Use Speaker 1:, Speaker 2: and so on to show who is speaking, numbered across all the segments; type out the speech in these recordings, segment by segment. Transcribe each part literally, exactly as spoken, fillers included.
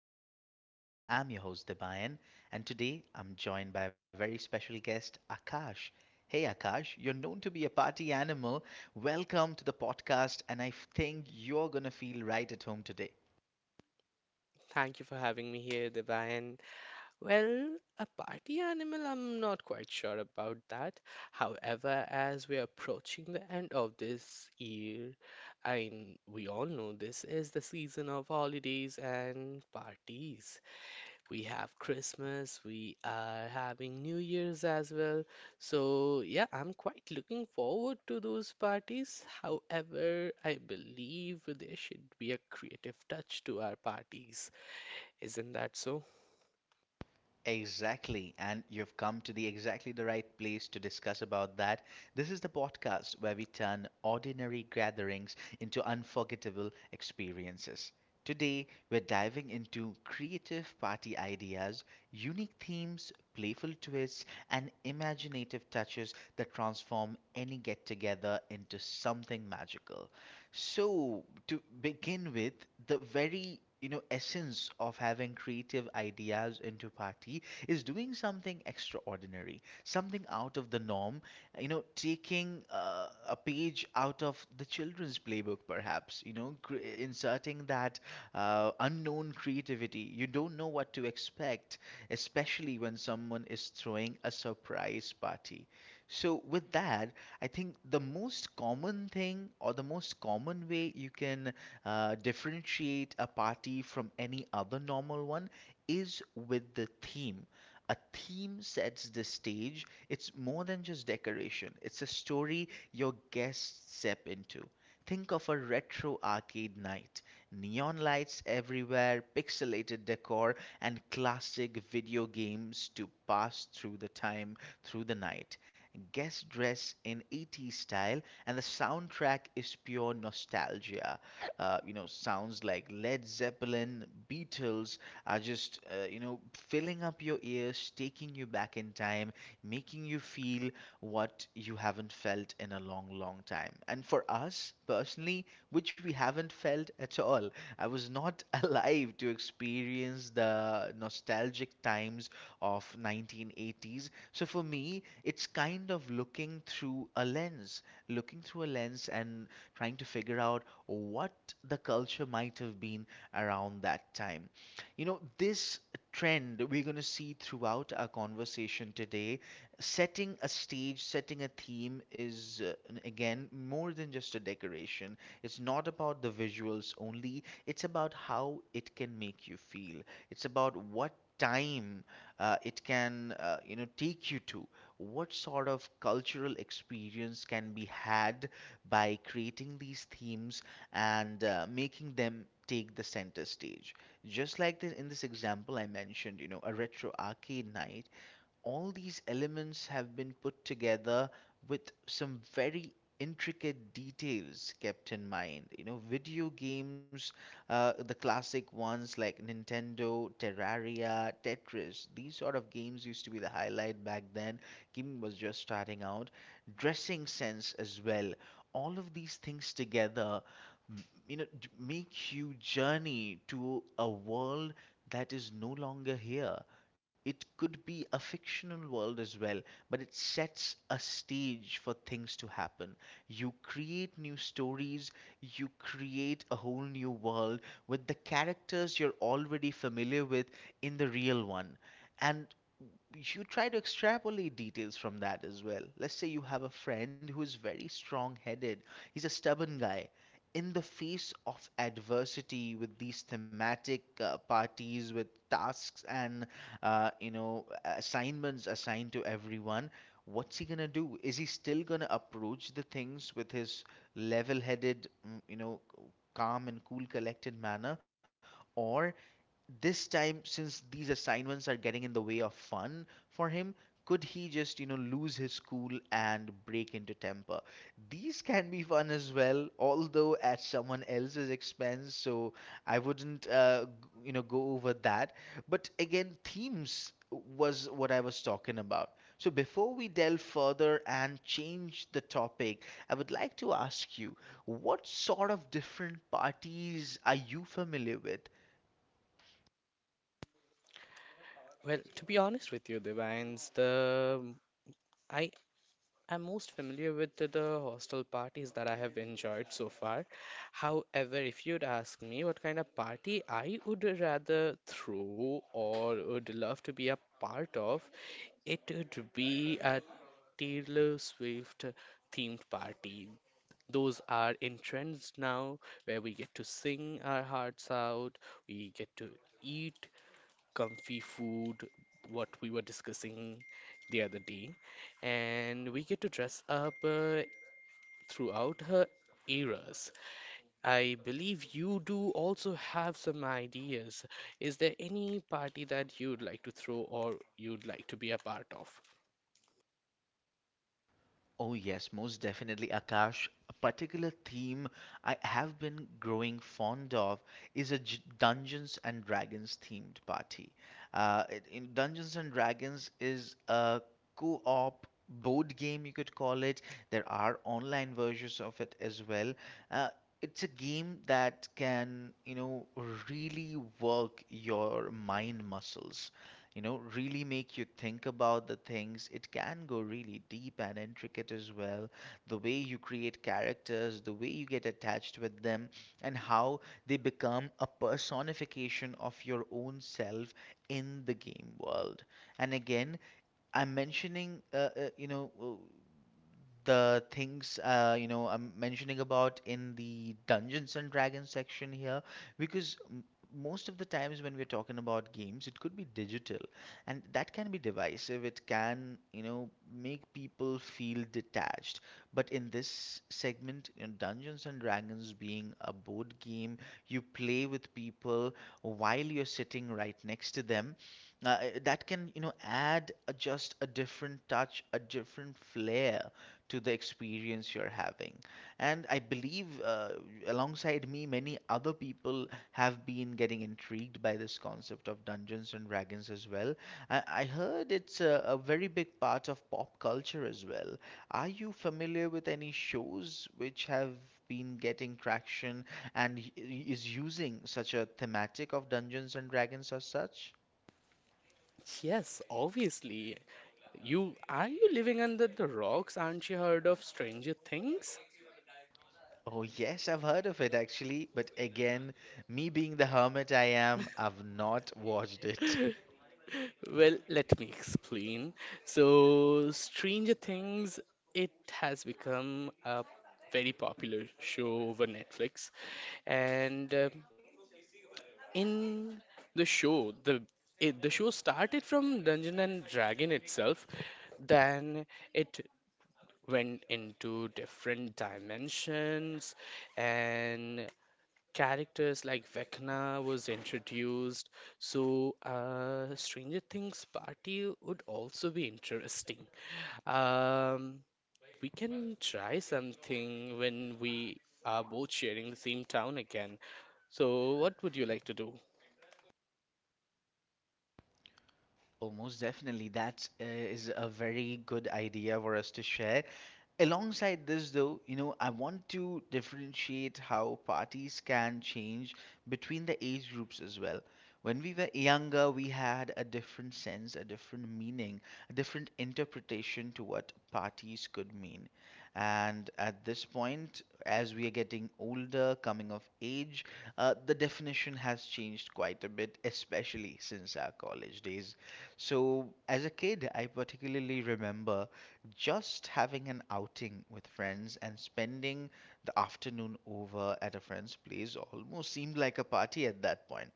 Speaker 1: to Daily Sessions. I'm your host, Debayan, and today I'm joined by a very special guest, Akash. Hey, Akash, you're known to be a party animal. Welcome to the podcast, and I think you're going to feel right at home today.
Speaker 2: Thank you for having me here, Debayan. Well, a party animal, I'm not quite sure about that. However, as we're approaching the end of this year, I mean, we all know this is the season of holidays and parties. We have Christmas, we are having New Year's as well. So, yeah, I'm quite looking forward to those parties. However, I believe there should be a creative touch to our parties. Isn't that so?
Speaker 1: Exactly, and you've come to the exactly the right place to discuss about that. This is the podcast where we turn ordinary gatherings into unforgettable experiences. Today, we're diving into creative party ideas, unique themes, playful twists, and imaginative touches that transform any get together into something magical. So, to begin with, the very you know essence of having creative ideas into party is doing something extraordinary, something out of the norm. You know, taking uh, a page out of the children's playbook, perhaps. You know cre- inserting that uh, unknown creativity. You don't know what to expect, especially when someone is throwing a surprise party. So, with that, I think the most common thing or the most common way you can uh, differentiate a party from any other normal one is with the theme. A theme sets the stage. It's more than just decoration, it's a story your guests step into. Think of a retro arcade night. Neon lights everywhere, pixelated decor, and classic video games to pass through the time through the night guest dress in eighties style, and the soundtrack is pure nostalgia. Uh, you know, sounds like Led Zeppelin, Beatles are just, uh, you know, filling up your ears, taking you back in time, making you feel what you haven't felt in a long, long time. And for us personally, which we haven't felt at all, I was not alive to experience the nostalgic times of nineteen eighties. So for me, it's kind of looking through a lens, looking through a lens and trying to figure out what the culture might have been around that time. You know, this trend we're going to see throughout our conversation today. Setting a stage, setting a theme is, uh, again, more than just a decoration. It's not about the visuals only, it's about how it can make you feel. It's about what time uh, it can, uh, you know, take you to, what sort of cultural experience can be had by creating these themes and uh, making them take the center stage. Just like this, in this example I mentioned, you know, a retro arcade night, all these elements have been put together with some very intricate details kept in mind. You know, video games, uh, the classic ones like Nintendo, Terraria, Tetris, these sort of games used to be the highlight back then. Gaming was just starting out. Dressing sense as well. All of these things together, m- you know, d- make you journey to a world that is no longer here. It could be a fictional world as well, but it sets a stage for things to happen. You create new stories, you create a whole new world with the characters you're already familiar with in the real one. And you try to extrapolate details from that as well. Let's say you have a friend who is very strong headed. He's a stubborn guy. In the face of adversity, with these thematic uh, parties with tasks and uh, you know, assignments assigned to everyone, what's he gonna do? Is he still gonna approach the things with his level-headed, mm, you know, calm and cool collected manner? Or this time, since these assignments are getting in the way of fun for him, could he just, you know, lose his cool and break into temper? These can be fun as well, although at someone else's expense. So I wouldn't, uh, g- you know, go over that. But again, themes was what I was talking about. So before we delve further and change the topic, I would like to ask you, what sort of different parties are you familiar with?
Speaker 2: Well, to be honest with you, Divines, the I am most familiar with the, the hostel parties that I have enjoyed so far. However, if you'd ask me what kind of party I would rather throw or would love to be a part of, it would be a Taylor Swift themed party. Those are in trends now where we get to sing our hearts out, we get to eat comfy food, what we were discussing the other day. And we get to dress up uh, throughout her eras. I believe you do also have some ideas. Is there any party that you'd like to throw or you'd like to be a part of?
Speaker 1: Oh, yes, most definitely, Akash. A particular theme I have been growing fond of is a J- Dungeons and Dragons themed party. Uh, it- in Dungeons and Dragons is a co op board game, you could call it. There are online versions of it as well. Uh, it's a game that can, you know, really work your mind muscles, you know, really make you think about the things. It can go really deep and intricate as well. The way you create characters, the way you get attached with them, and how they become a personification of your own self in the game world. And again, I'm mentioning, uh, uh, you know, uh, the things, uh, you know, I'm mentioning about in the Dungeons and Dragons section here, because m- most of the times when we're talking about games, it could be digital, and that can be divisive. It can, you know, make people feel detached. But in this segment, in Dungeons and Dragons being a board game, you play with people while you're sitting right next to them. Uh, that can, you know, add a, just a different touch, a different flair to the experience you're having. And I believe, uh, alongside me, many other people have been getting intrigued by this concept of Dungeons and Dragons as well. I, I heard it's a, a very big part of pop culture as well. Are you familiar with any shows which have been getting traction and y- is using such a thematic of Dungeons and Dragons as such?
Speaker 2: Yes, obviously. You are you living under the rocks? Aren't you heard of Stranger Things?
Speaker 1: Oh, yes, I've heard of it actually, but again, me being the hermit I am, I've not watched it.
Speaker 2: Well, let me explain. So, Stranger Things, it has become a very popular show over Netflix, and um in the show, the it, the show started from Dungeon and Dragon itself, then it went into different dimensions, and characters like Vecna was introduced, so uh, Stranger Things party would also be interesting. Um, we can try something when we are both sharing the same town again. So, what would you like to do?
Speaker 1: Oh, most definitely, that uh, is a very good idea for us to share. Alongside this, though, you know, I want to differentiate how parties can change between the age groups as well. When we were younger, we had a different sense, a different meaning, a different interpretation to what parties could mean. And at this point, as we are getting older, coming of age, uh, the definition has changed quite a bit, especially since our college days. So, as a kid, I particularly remember just having an outing with friends and spending the afternoon over at a friend's place almost seemed like a party at that point.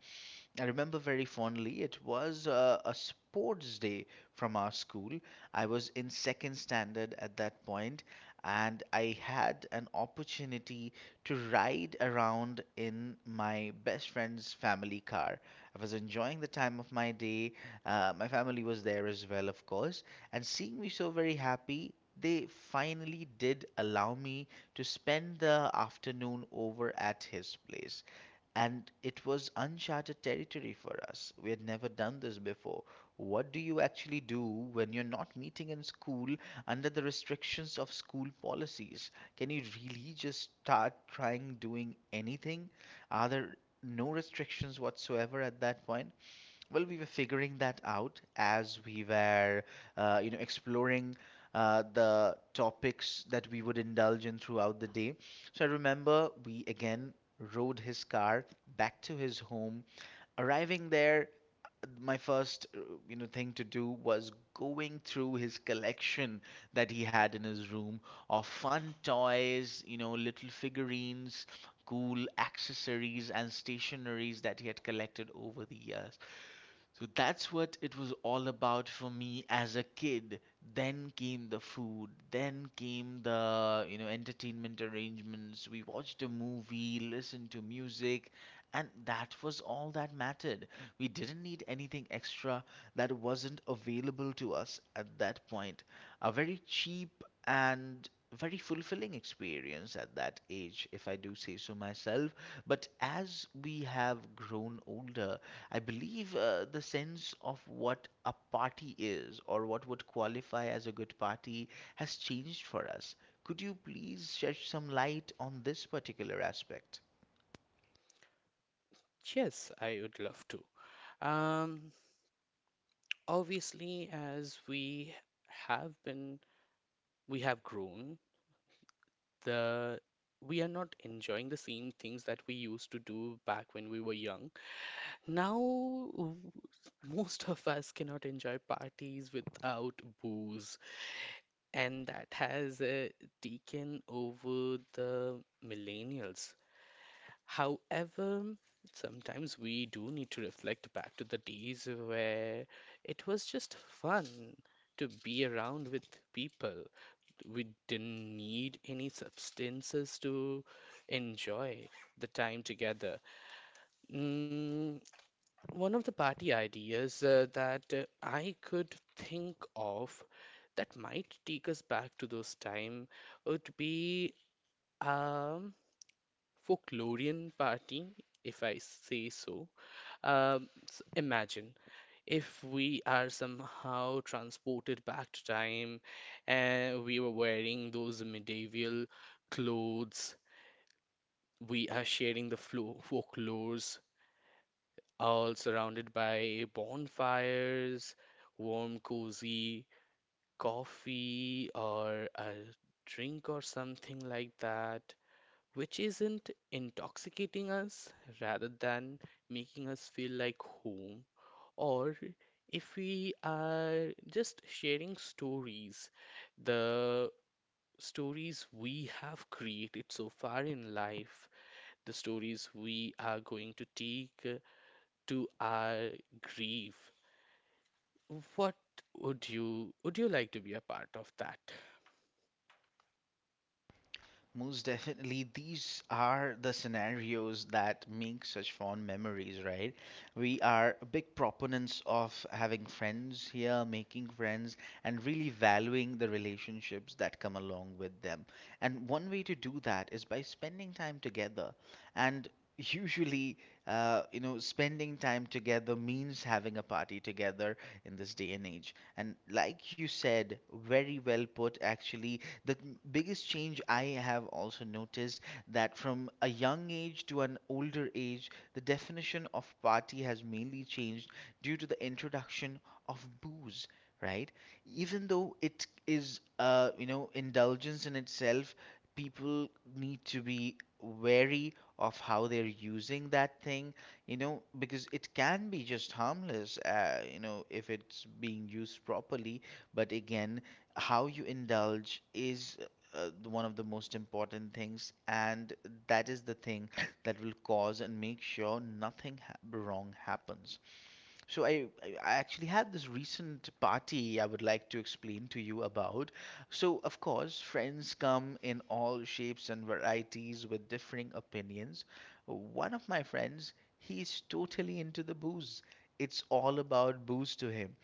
Speaker 1: I remember very fondly. It was uh, a sports day from our school. I was in second standard at that point, and I had an opportunity to ride around in my best friend's family car. I was enjoying the time of my day. Uh, my family was there as well, of course, and seeing me so very happy, they finally did allow me to spend the afternoon over at his place, and it was uncharted territory for us. We had never done this before. What do you actually do when you're not meeting in school, under the restrictions of school policies? Can you really just start trying doing anything? Are there no restrictions whatsoever at that point? Well, we were figuring that out as we were, uh, you know, exploring uh, the topics that we would indulge in throughout the day. So I remember we again rode his car back to his home. Arriving there, my first, uh, you know, thing to do was going through his collection that he had in his room of fun toys, you know, little figurines, cool accessories and stationeries that he had collected over the years. So that's what it was all about for me as a kid. Then came the food, then came the, you know, entertainment arrangements. We watched a movie, listened to music, and that was all that mattered. We didn't need anything extra that wasn't available to us at that point. A very cheap and very fulfilling experience at that age, if I do say so myself. But as we have grown older, I believe uh, the sense of what a party is or what would qualify as a good party has changed for us. Could you please shed some light on this particular aspect?
Speaker 2: Yes, I would love to. Um, Obviously, as we have been, we have grown, the we are not enjoying the same things that we used to do back when we were young. Now, w- most of us cannot enjoy parties without booze, and that has uh, taken over the millennials. However, sometimes we do need to reflect back to the days where it was just fun to be around with people. We didn't need any substances to enjoy the time together. Mm, one of the party ideas uh, that uh, I could think of that might take us back to those time would be um folklorian party, if I say so. Um, s- imagine if we are somehow transported back to time and we were wearing those medieval clothes. We are sharing the flo folklores. All surrounded by bonfires, warm, cozy coffee, or a drink or something like that, which isn't intoxicating us rather than making us feel like home. Or if we are just sharing stories, the stories we have created so far in life, the stories we are going to take uh, to our grief. What would you would you like to be a part of that?
Speaker 1: Most definitely, these are the scenarios that make such fond memories, right? We are big proponents of having friends here, making friends, and really valuing the relationships that come along with them. And one way to do that is by spending time together. And usually, uh, you know, spending time together means having a party together in this day and age. And like you said, very well put, actually, the biggest change I have also noticed, that from a young age to an older age, the definition of party has mainly changed due to the introduction of booze, right? Even though it is, uh, you know, indulgence in itself, people need to be wary of how they're using that thing, you know, because it can be just harmless, uh, you know, if it's being used properly. But again, how you indulge is uh, the- one of the most important things, and that is the thing that will cause and make sure nothing ha- wrong happens. So I, I I actually had this recent party I would like to explain to you about. So of course, friends come in all shapes and varieties with differing opinions. One of my friends, he's totally into the booze. It's all about booze to him.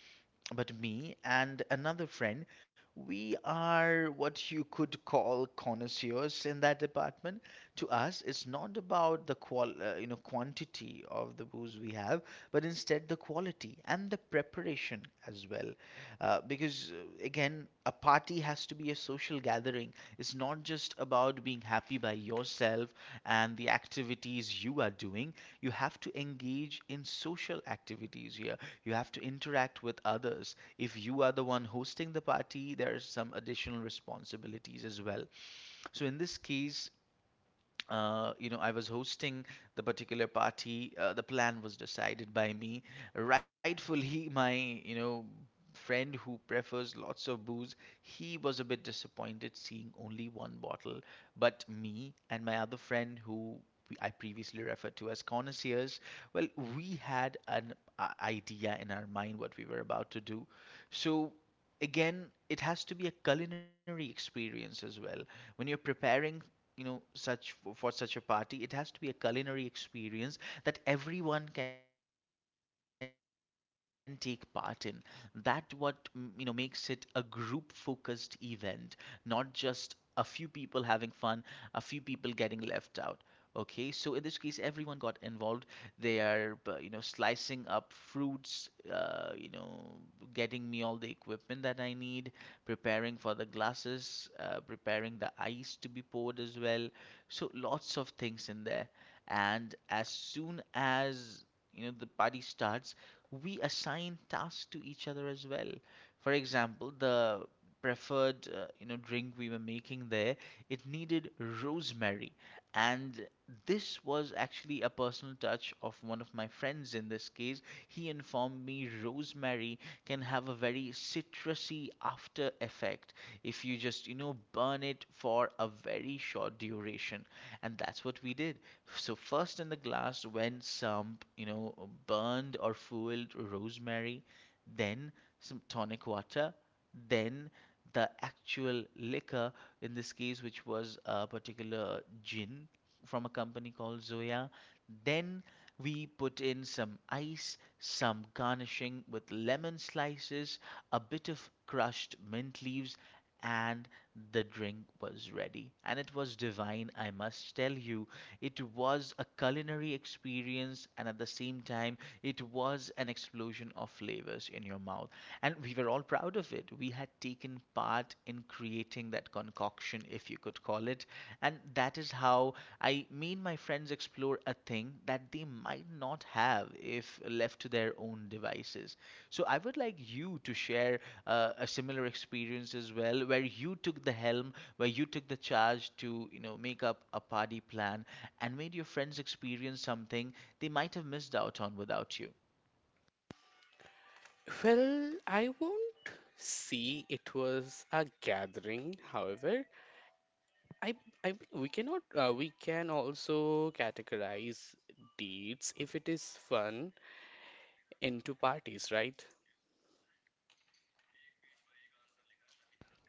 Speaker 1: But me and another friend, we are what you could call connoisseurs in that department. To us, it's not about the qual- uh, you know quantity of the booze we have, but instead the quality and the preparation as well. Uh, because uh, again, a party has to be a social gathering. It's not just about being happy by yourself and the activities you are doing. You have to engage in social activities here, you have to interact with others. If you are the one hosting the party, there are some additional responsibilities as well. So in this case, uh, you know, I was hosting the particular party. Uh, the plan was decided by me. Rightfully, my, you know, friend who prefers lots of booze, he was a bit disappointed seeing only one bottle. But me and my other friend, who I previously referred to as connoisseurs, well, we had an uh, idea in our mind what we were about to do. So again, it has to be a culinary experience as well. When you're preparing, you know such for, such a party, it has to be a culinary experience that everyone can take part in. That what mm, you know makes it a group focused event, not just a few people having fun, a few people getting left out. Okay, so in this case, everyone got involved. They are, uh, you know, slicing up fruits, uh, you know, getting me all the equipment that I need, preparing for the glasses, uh, preparing the ice to be poured as well. So lots of things in there. And as soon as you know the party starts, we assign tasks to each other as well. For example, the preferred uh, you know drink we were making there, it needed rosemary. And this was actually a personal touch of one of my friends in this case. He informed me rosemary can have a very citrusy after effect if you just, you know, burn it for a very short duration. And that's what we did. So, first in the glass went some, you know, burned or fueled rosemary, then some tonic water, then the actual liquor, in this case, which was a particular gin from a company called Zoya. Then we put in some ice, some garnishing with lemon slices, a bit of crushed mint leaves, and the drink was ready. And it was divine, I must tell you. It was a culinary experience, and at the same time, it was an explosion of flavors in your mouth. And we were all proud of it. We had taken part in creating that concoction, if you could would call it. And that is how I me my friends explore a thing that they might not have if left to their own devices. So I would like you to share uh, a similar experience as well, where you took the helm, where you took the charge to, you know, make up a party plan and made your friends experience something they might have missed out on without you.
Speaker 2: Well, I won't say it was a gathering. However, I I we cannot uh, we can also categorize dates if it is fun into parties, right?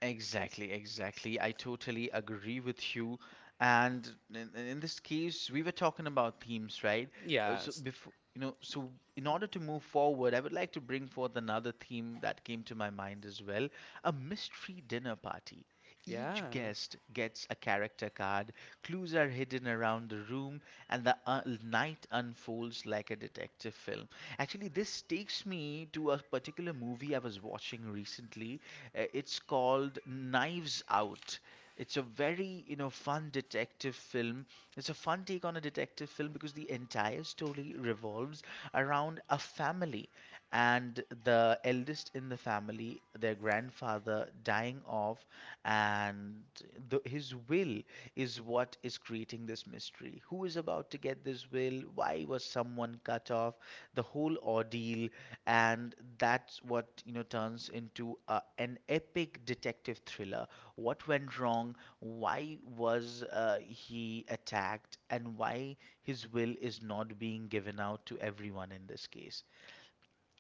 Speaker 1: Exactly, exactly. I totally agree with you. And in, in this case, we were talking about themes, right? Uh, so
Speaker 2: Yes.
Speaker 1: before, you know, so in order to move forward, I would like to bring forth another theme that came to my mind as well, a mystery dinner party. Each
Speaker 2: Yeah.
Speaker 1: guest gets a character card, clues are hidden around the room, and the uh, night unfolds like a detective film. Actually, this takes me to a particular movie I was watching recently. Uh, it's called Knives Out. It's a very, you know, fun detective film. It's a fun take on a detective film because the entire story revolves around a family and the eldest in the family, their grandfather dying off, and the, his will is what is creating this mystery. Who is who's about to get this will, why was someone cut off, the whole ordeal, and that's what, you know, turns into a, an epic detective thriller. What went wrong? Why was uh, he attacked, and why his will is not being given out to everyone in this case?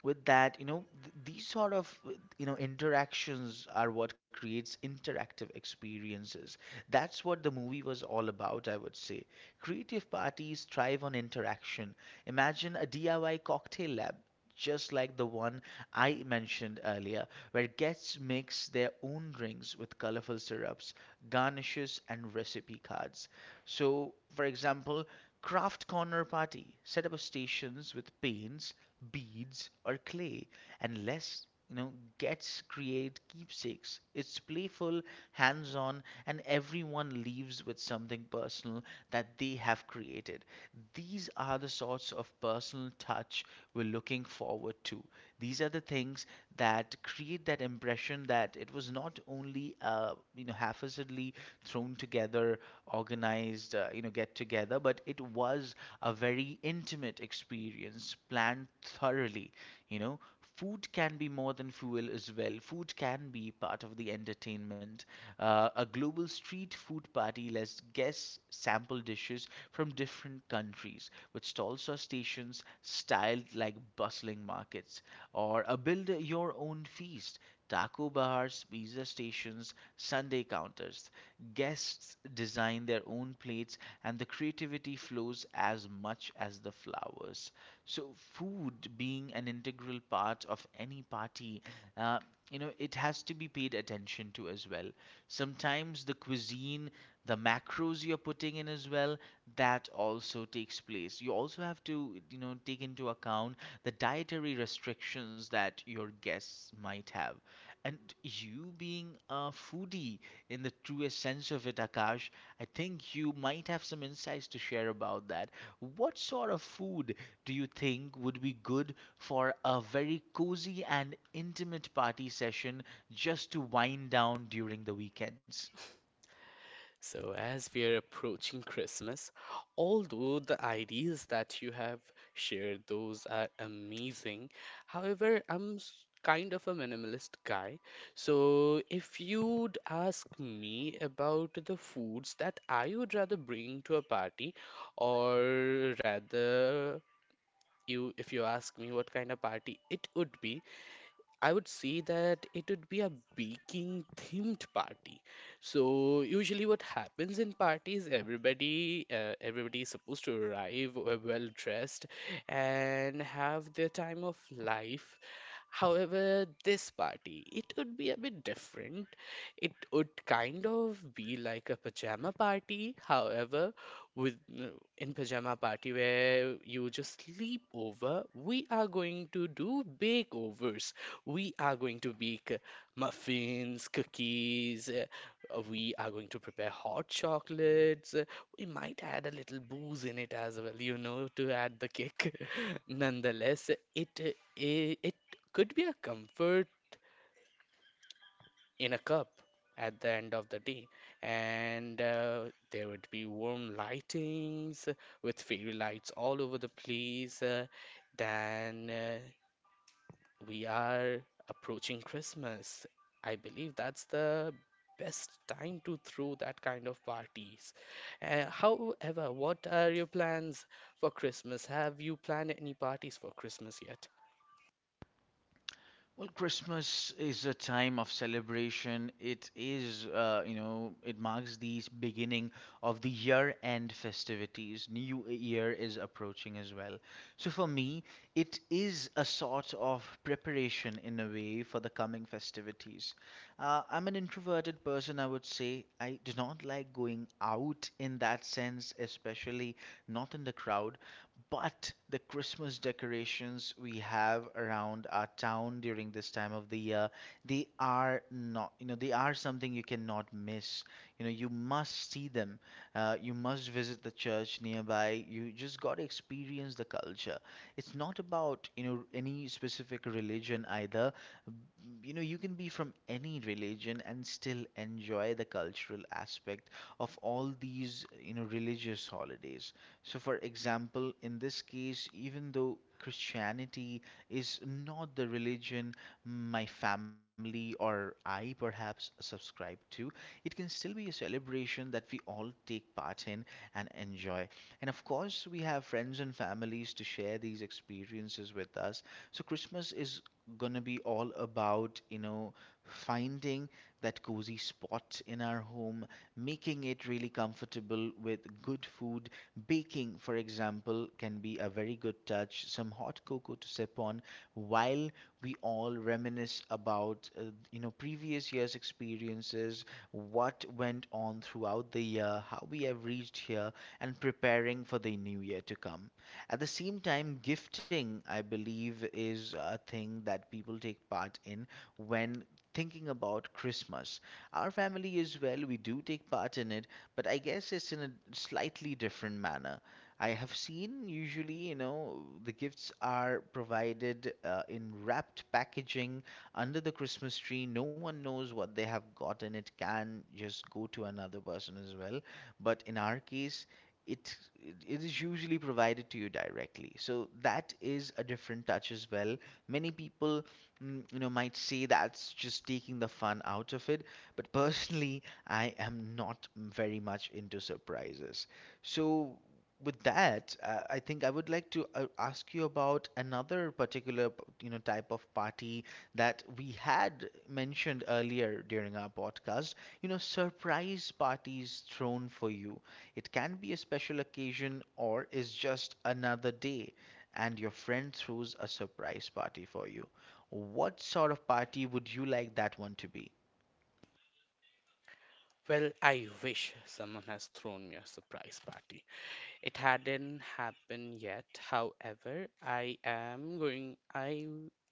Speaker 1: With that, you know, th- these sort of, you know, interactions are what creates interactive experiences. That's what the movie was all about, I would say. Creative parties thrive on interaction. Imagine a D I Y cocktail lab. Just like the one I mentioned earlier, where guests mix their own drinks with colorful syrups, garnishes, and recipe cards. So, for example, Craft Corner Party. Set up stations with paints, beads, or clay, and less you know gets create keepsakes. It's playful, hands-on, and everyone leaves with something personal that they have created. These are the sorts of personal touch we're looking forward to. These are the things that create that impression that it was not only, uh, you know haphazardly thrown together, organized, uh, you know get together, but it was a very intimate experience planned thoroughly. You know, food can be more than fuel as well. Food can be part of the entertainment. Uh, a global street food party lets guests sample dishes from different countries with stalls or stations styled like bustling markets, or a build your own feast, taco bars, pizza stations, Sunday counters. Guests design their own plates and the creativity flows as much as the flowers. So, food being an integral part of any party, uh, you know, it has to be paid attention to as well. Sometimes the cuisine, the macros you're putting in as well, that also takes place. You also have to, you know, take into account the dietary restrictions that your guests might have. And you being a foodie in the truest sense of it, Akash, I think you might have some insights to share about that. What sort of food do you think would be good for a very cozy and intimate party session just to wind down during the weekends?
Speaker 2: So, as we are approaching Christmas, although the ideas that you have shared, those are amazing. However, I'm s- kind of a minimalist guy. So, if you'd ask me about the foods that I would rather bring to a party, or rather, you, if you ask me what kind of party it would be, I would say that it would be a baking themed party. So usually what happens in parties, everybody uh, everybody is supposed to arrive uh, well dressed and have their time of life. However, this party, it would be a bit different. It would kind of be like a pajama party, however, with in pajama party where you just sleep over, we are going to do bakeovers. We are going to bake muffins, cookies, uh, we are going to prepare hot chocolates. uh, We might add a little booze in it as well, you know, to add the kick. Nonetheless, it it, it could be a comfort in a cup at the end of the day, and uh, there would be warm lightings with fairy lights all over the place, uh, then uh, we are approaching Christmas. I believe that's the best time to throw that kind of parties. Uh, however, what are your plans for Christmas? Have you planned any parties for Christmas yet?
Speaker 1: Well, Christmas is a time of celebration. It is, uh, you know, it marks the beginning of the year-end festivities. New Year is approaching as well. So for me, it is a sort of preparation in a way for the coming festivities. Uh, I'm an introverted person, I would say. I do not like going out in that sense, especially not in the crowd. But the Christmas decorations we have around our town during this time of the year, they are not, you know, they are something you cannot miss. You know, you must see them. Uh, you must visit the church nearby. You just got to experience the culture. It's not about, you know, any specific religion either. You know, you can be from any religion and still enjoy the cultural aspect of all these, you know, religious holidays. So for example, in this case, even though Christianity is not the religion my family or I perhaps subscribe to, it can still be a celebration that we all take part in and enjoy. And of course, we have friends and families to share these experiences with us. So, Christmas is going to be all about, you know, finding that cozy spot in our home, making it really comfortable with good food. Baking, for example, can be a very good touch, some hot cocoa to sip on while we all reminisce about, uh, you know, previous year's experiences, what went on throughout the year, how we have reached here and preparing for the new year to come. At the same time, gifting, I believe, is a thing that people take part in when thinking about Christmas. Our family as well, we do take part in it, but I guess it's in a slightly different manner. I have seen usually, you know, the gifts are provided uh, in wrapped packaging under the Christmas tree. No one knows what they have gotten. It can just go to another person as well. But in our case, it it is usually provided to you directly, so that is a different touch as well. Many people, mm, you know might say that's just taking the fun out of it, but personally, I am not very much into surprises. So with that, uh, I think I would like to uh, ask you about another particular p- you know type of party that we had mentioned earlier during our podcast. You know, surprise parties thrown for you. It can be a special occasion or is just another day, and your friend throws a surprise party for you. What sort of party would you like that one to be?
Speaker 2: Well, I wish someone has thrown me a surprise party. It hadn't happened yet. However, I am going I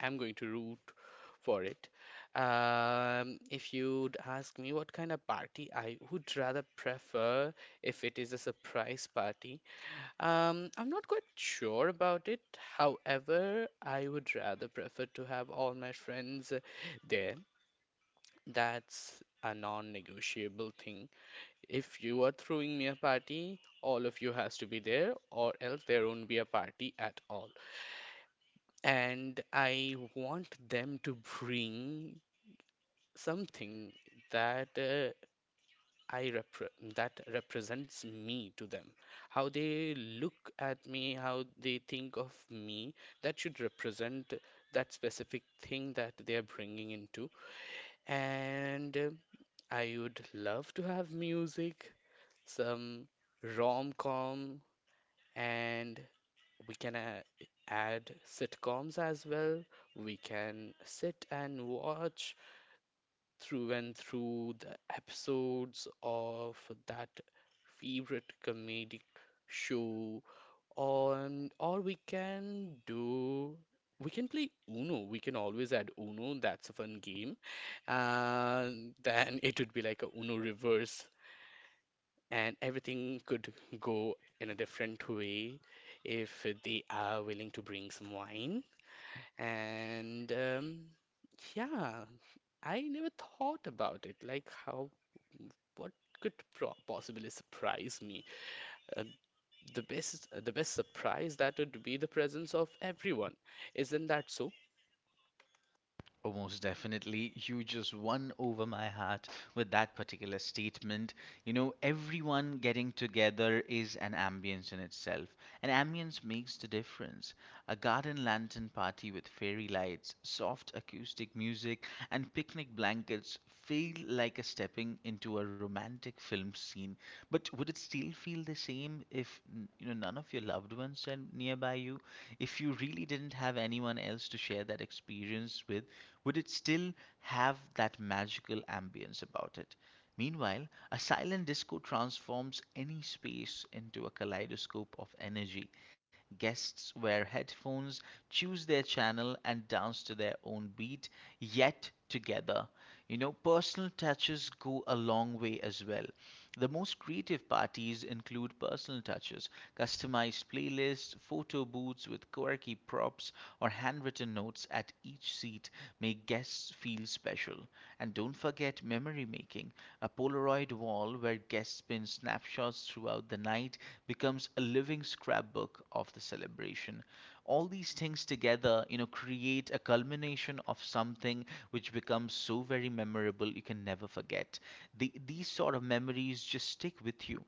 Speaker 2: am going to root for it. Um, if you'd ask me what kind of party I would rather prefer if it is a surprise party, um, I'm not quite sure about it. However, I would rather prefer to have all my friends there. That's a non-negotiable thing. If you are throwing me a party, all of you has to be there, or else there won't be a party at all. And I want them to bring something that uh, I repre that represents me to them. How they look at me, how they think of me, that should represent that specific thing that they are bringing into. And uh, I would love to have music, some rom-com, and we can uh, add sitcoms as well. We can sit and watch through and through the episodes of that favorite comedic show, on or we can do. We can play Uno. We can always add Uno. That's a fun game. And then it would be like a Uno reverse and everything could go in a different way if they are willing to bring some wine. And um, yeah, I never thought about it, like how what could pro possibly surprise me. Uh, the best the best surprise that would be the presence of everyone. Isn't that so?
Speaker 1: Oh, most definitely. You just won over my heart with that particular statement. You know, everyone getting together is an ambience in itself. An ambience makes the difference. A garden lantern party with fairy lights, soft acoustic music, and picnic blankets feel like a stepping into a romantic film scene. But would it still feel the same if n- you know none of your loved ones are nearby you? If you really didn't have anyone else to share that experience with, would it still have that magical ambience about it? Meanwhile, a silent disco transforms any space into a kaleidoscope of energy. Guests wear headphones, choose their channel, and dance to their own beat, yet together. You know, personal touches go a long way as well. The most creative parties include personal touches, customized playlists, photo booths with quirky props, or handwritten notes at each seat make guests feel special. And don't forget memory making. A Polaroid wall where guests pin snapshots throughout the night becomes a living scrapbook of the celebration. All these things together, you know, create a culmination of something which becomes so very memorable you can never forget. The, these sort of memories just stick with you.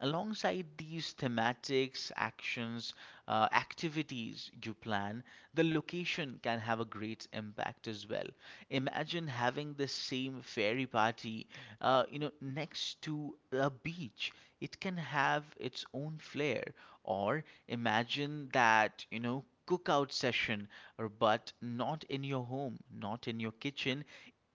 Speaker 1: Alongside these thematics, actions, uh, activities you plan, the location can have a great impact as well. Imagine having the same fairy party, uh, you know, next to a beach. It can have its own flair. Or imagine that, you know, cookout session, or but not in your home, not in your kitchen,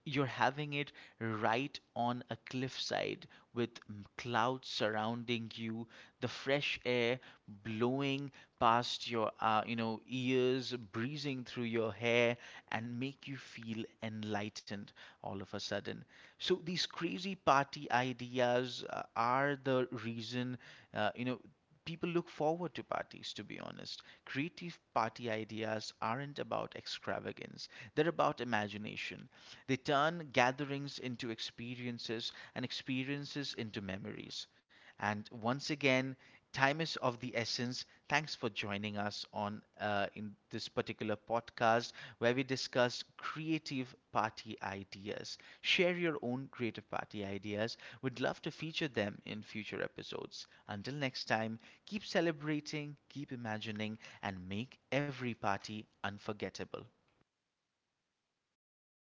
Speaker 1: you're having it right on a cliffside with m- clouds surrounding you, the fresh air blowing past your, uh, you know ears, breezing through your hair and make you feel enlightened all of a sudden. So these crazy party ideas, uh, are the reason, uh, you know people look forward to parties. To be honest, creative party ideas aren't about extravagance, they're about imagination. They turn gatherings into experiences and experiences into memories. And once again, time is of the essence. Thanks for joining us us on, uh, in this particular podcast where we discuss creative party ideas. Share your own creative party ideas. We'd love to feature them in future episodes. Until next time, keep celebrating, keep imagining, and make every party unforgettable.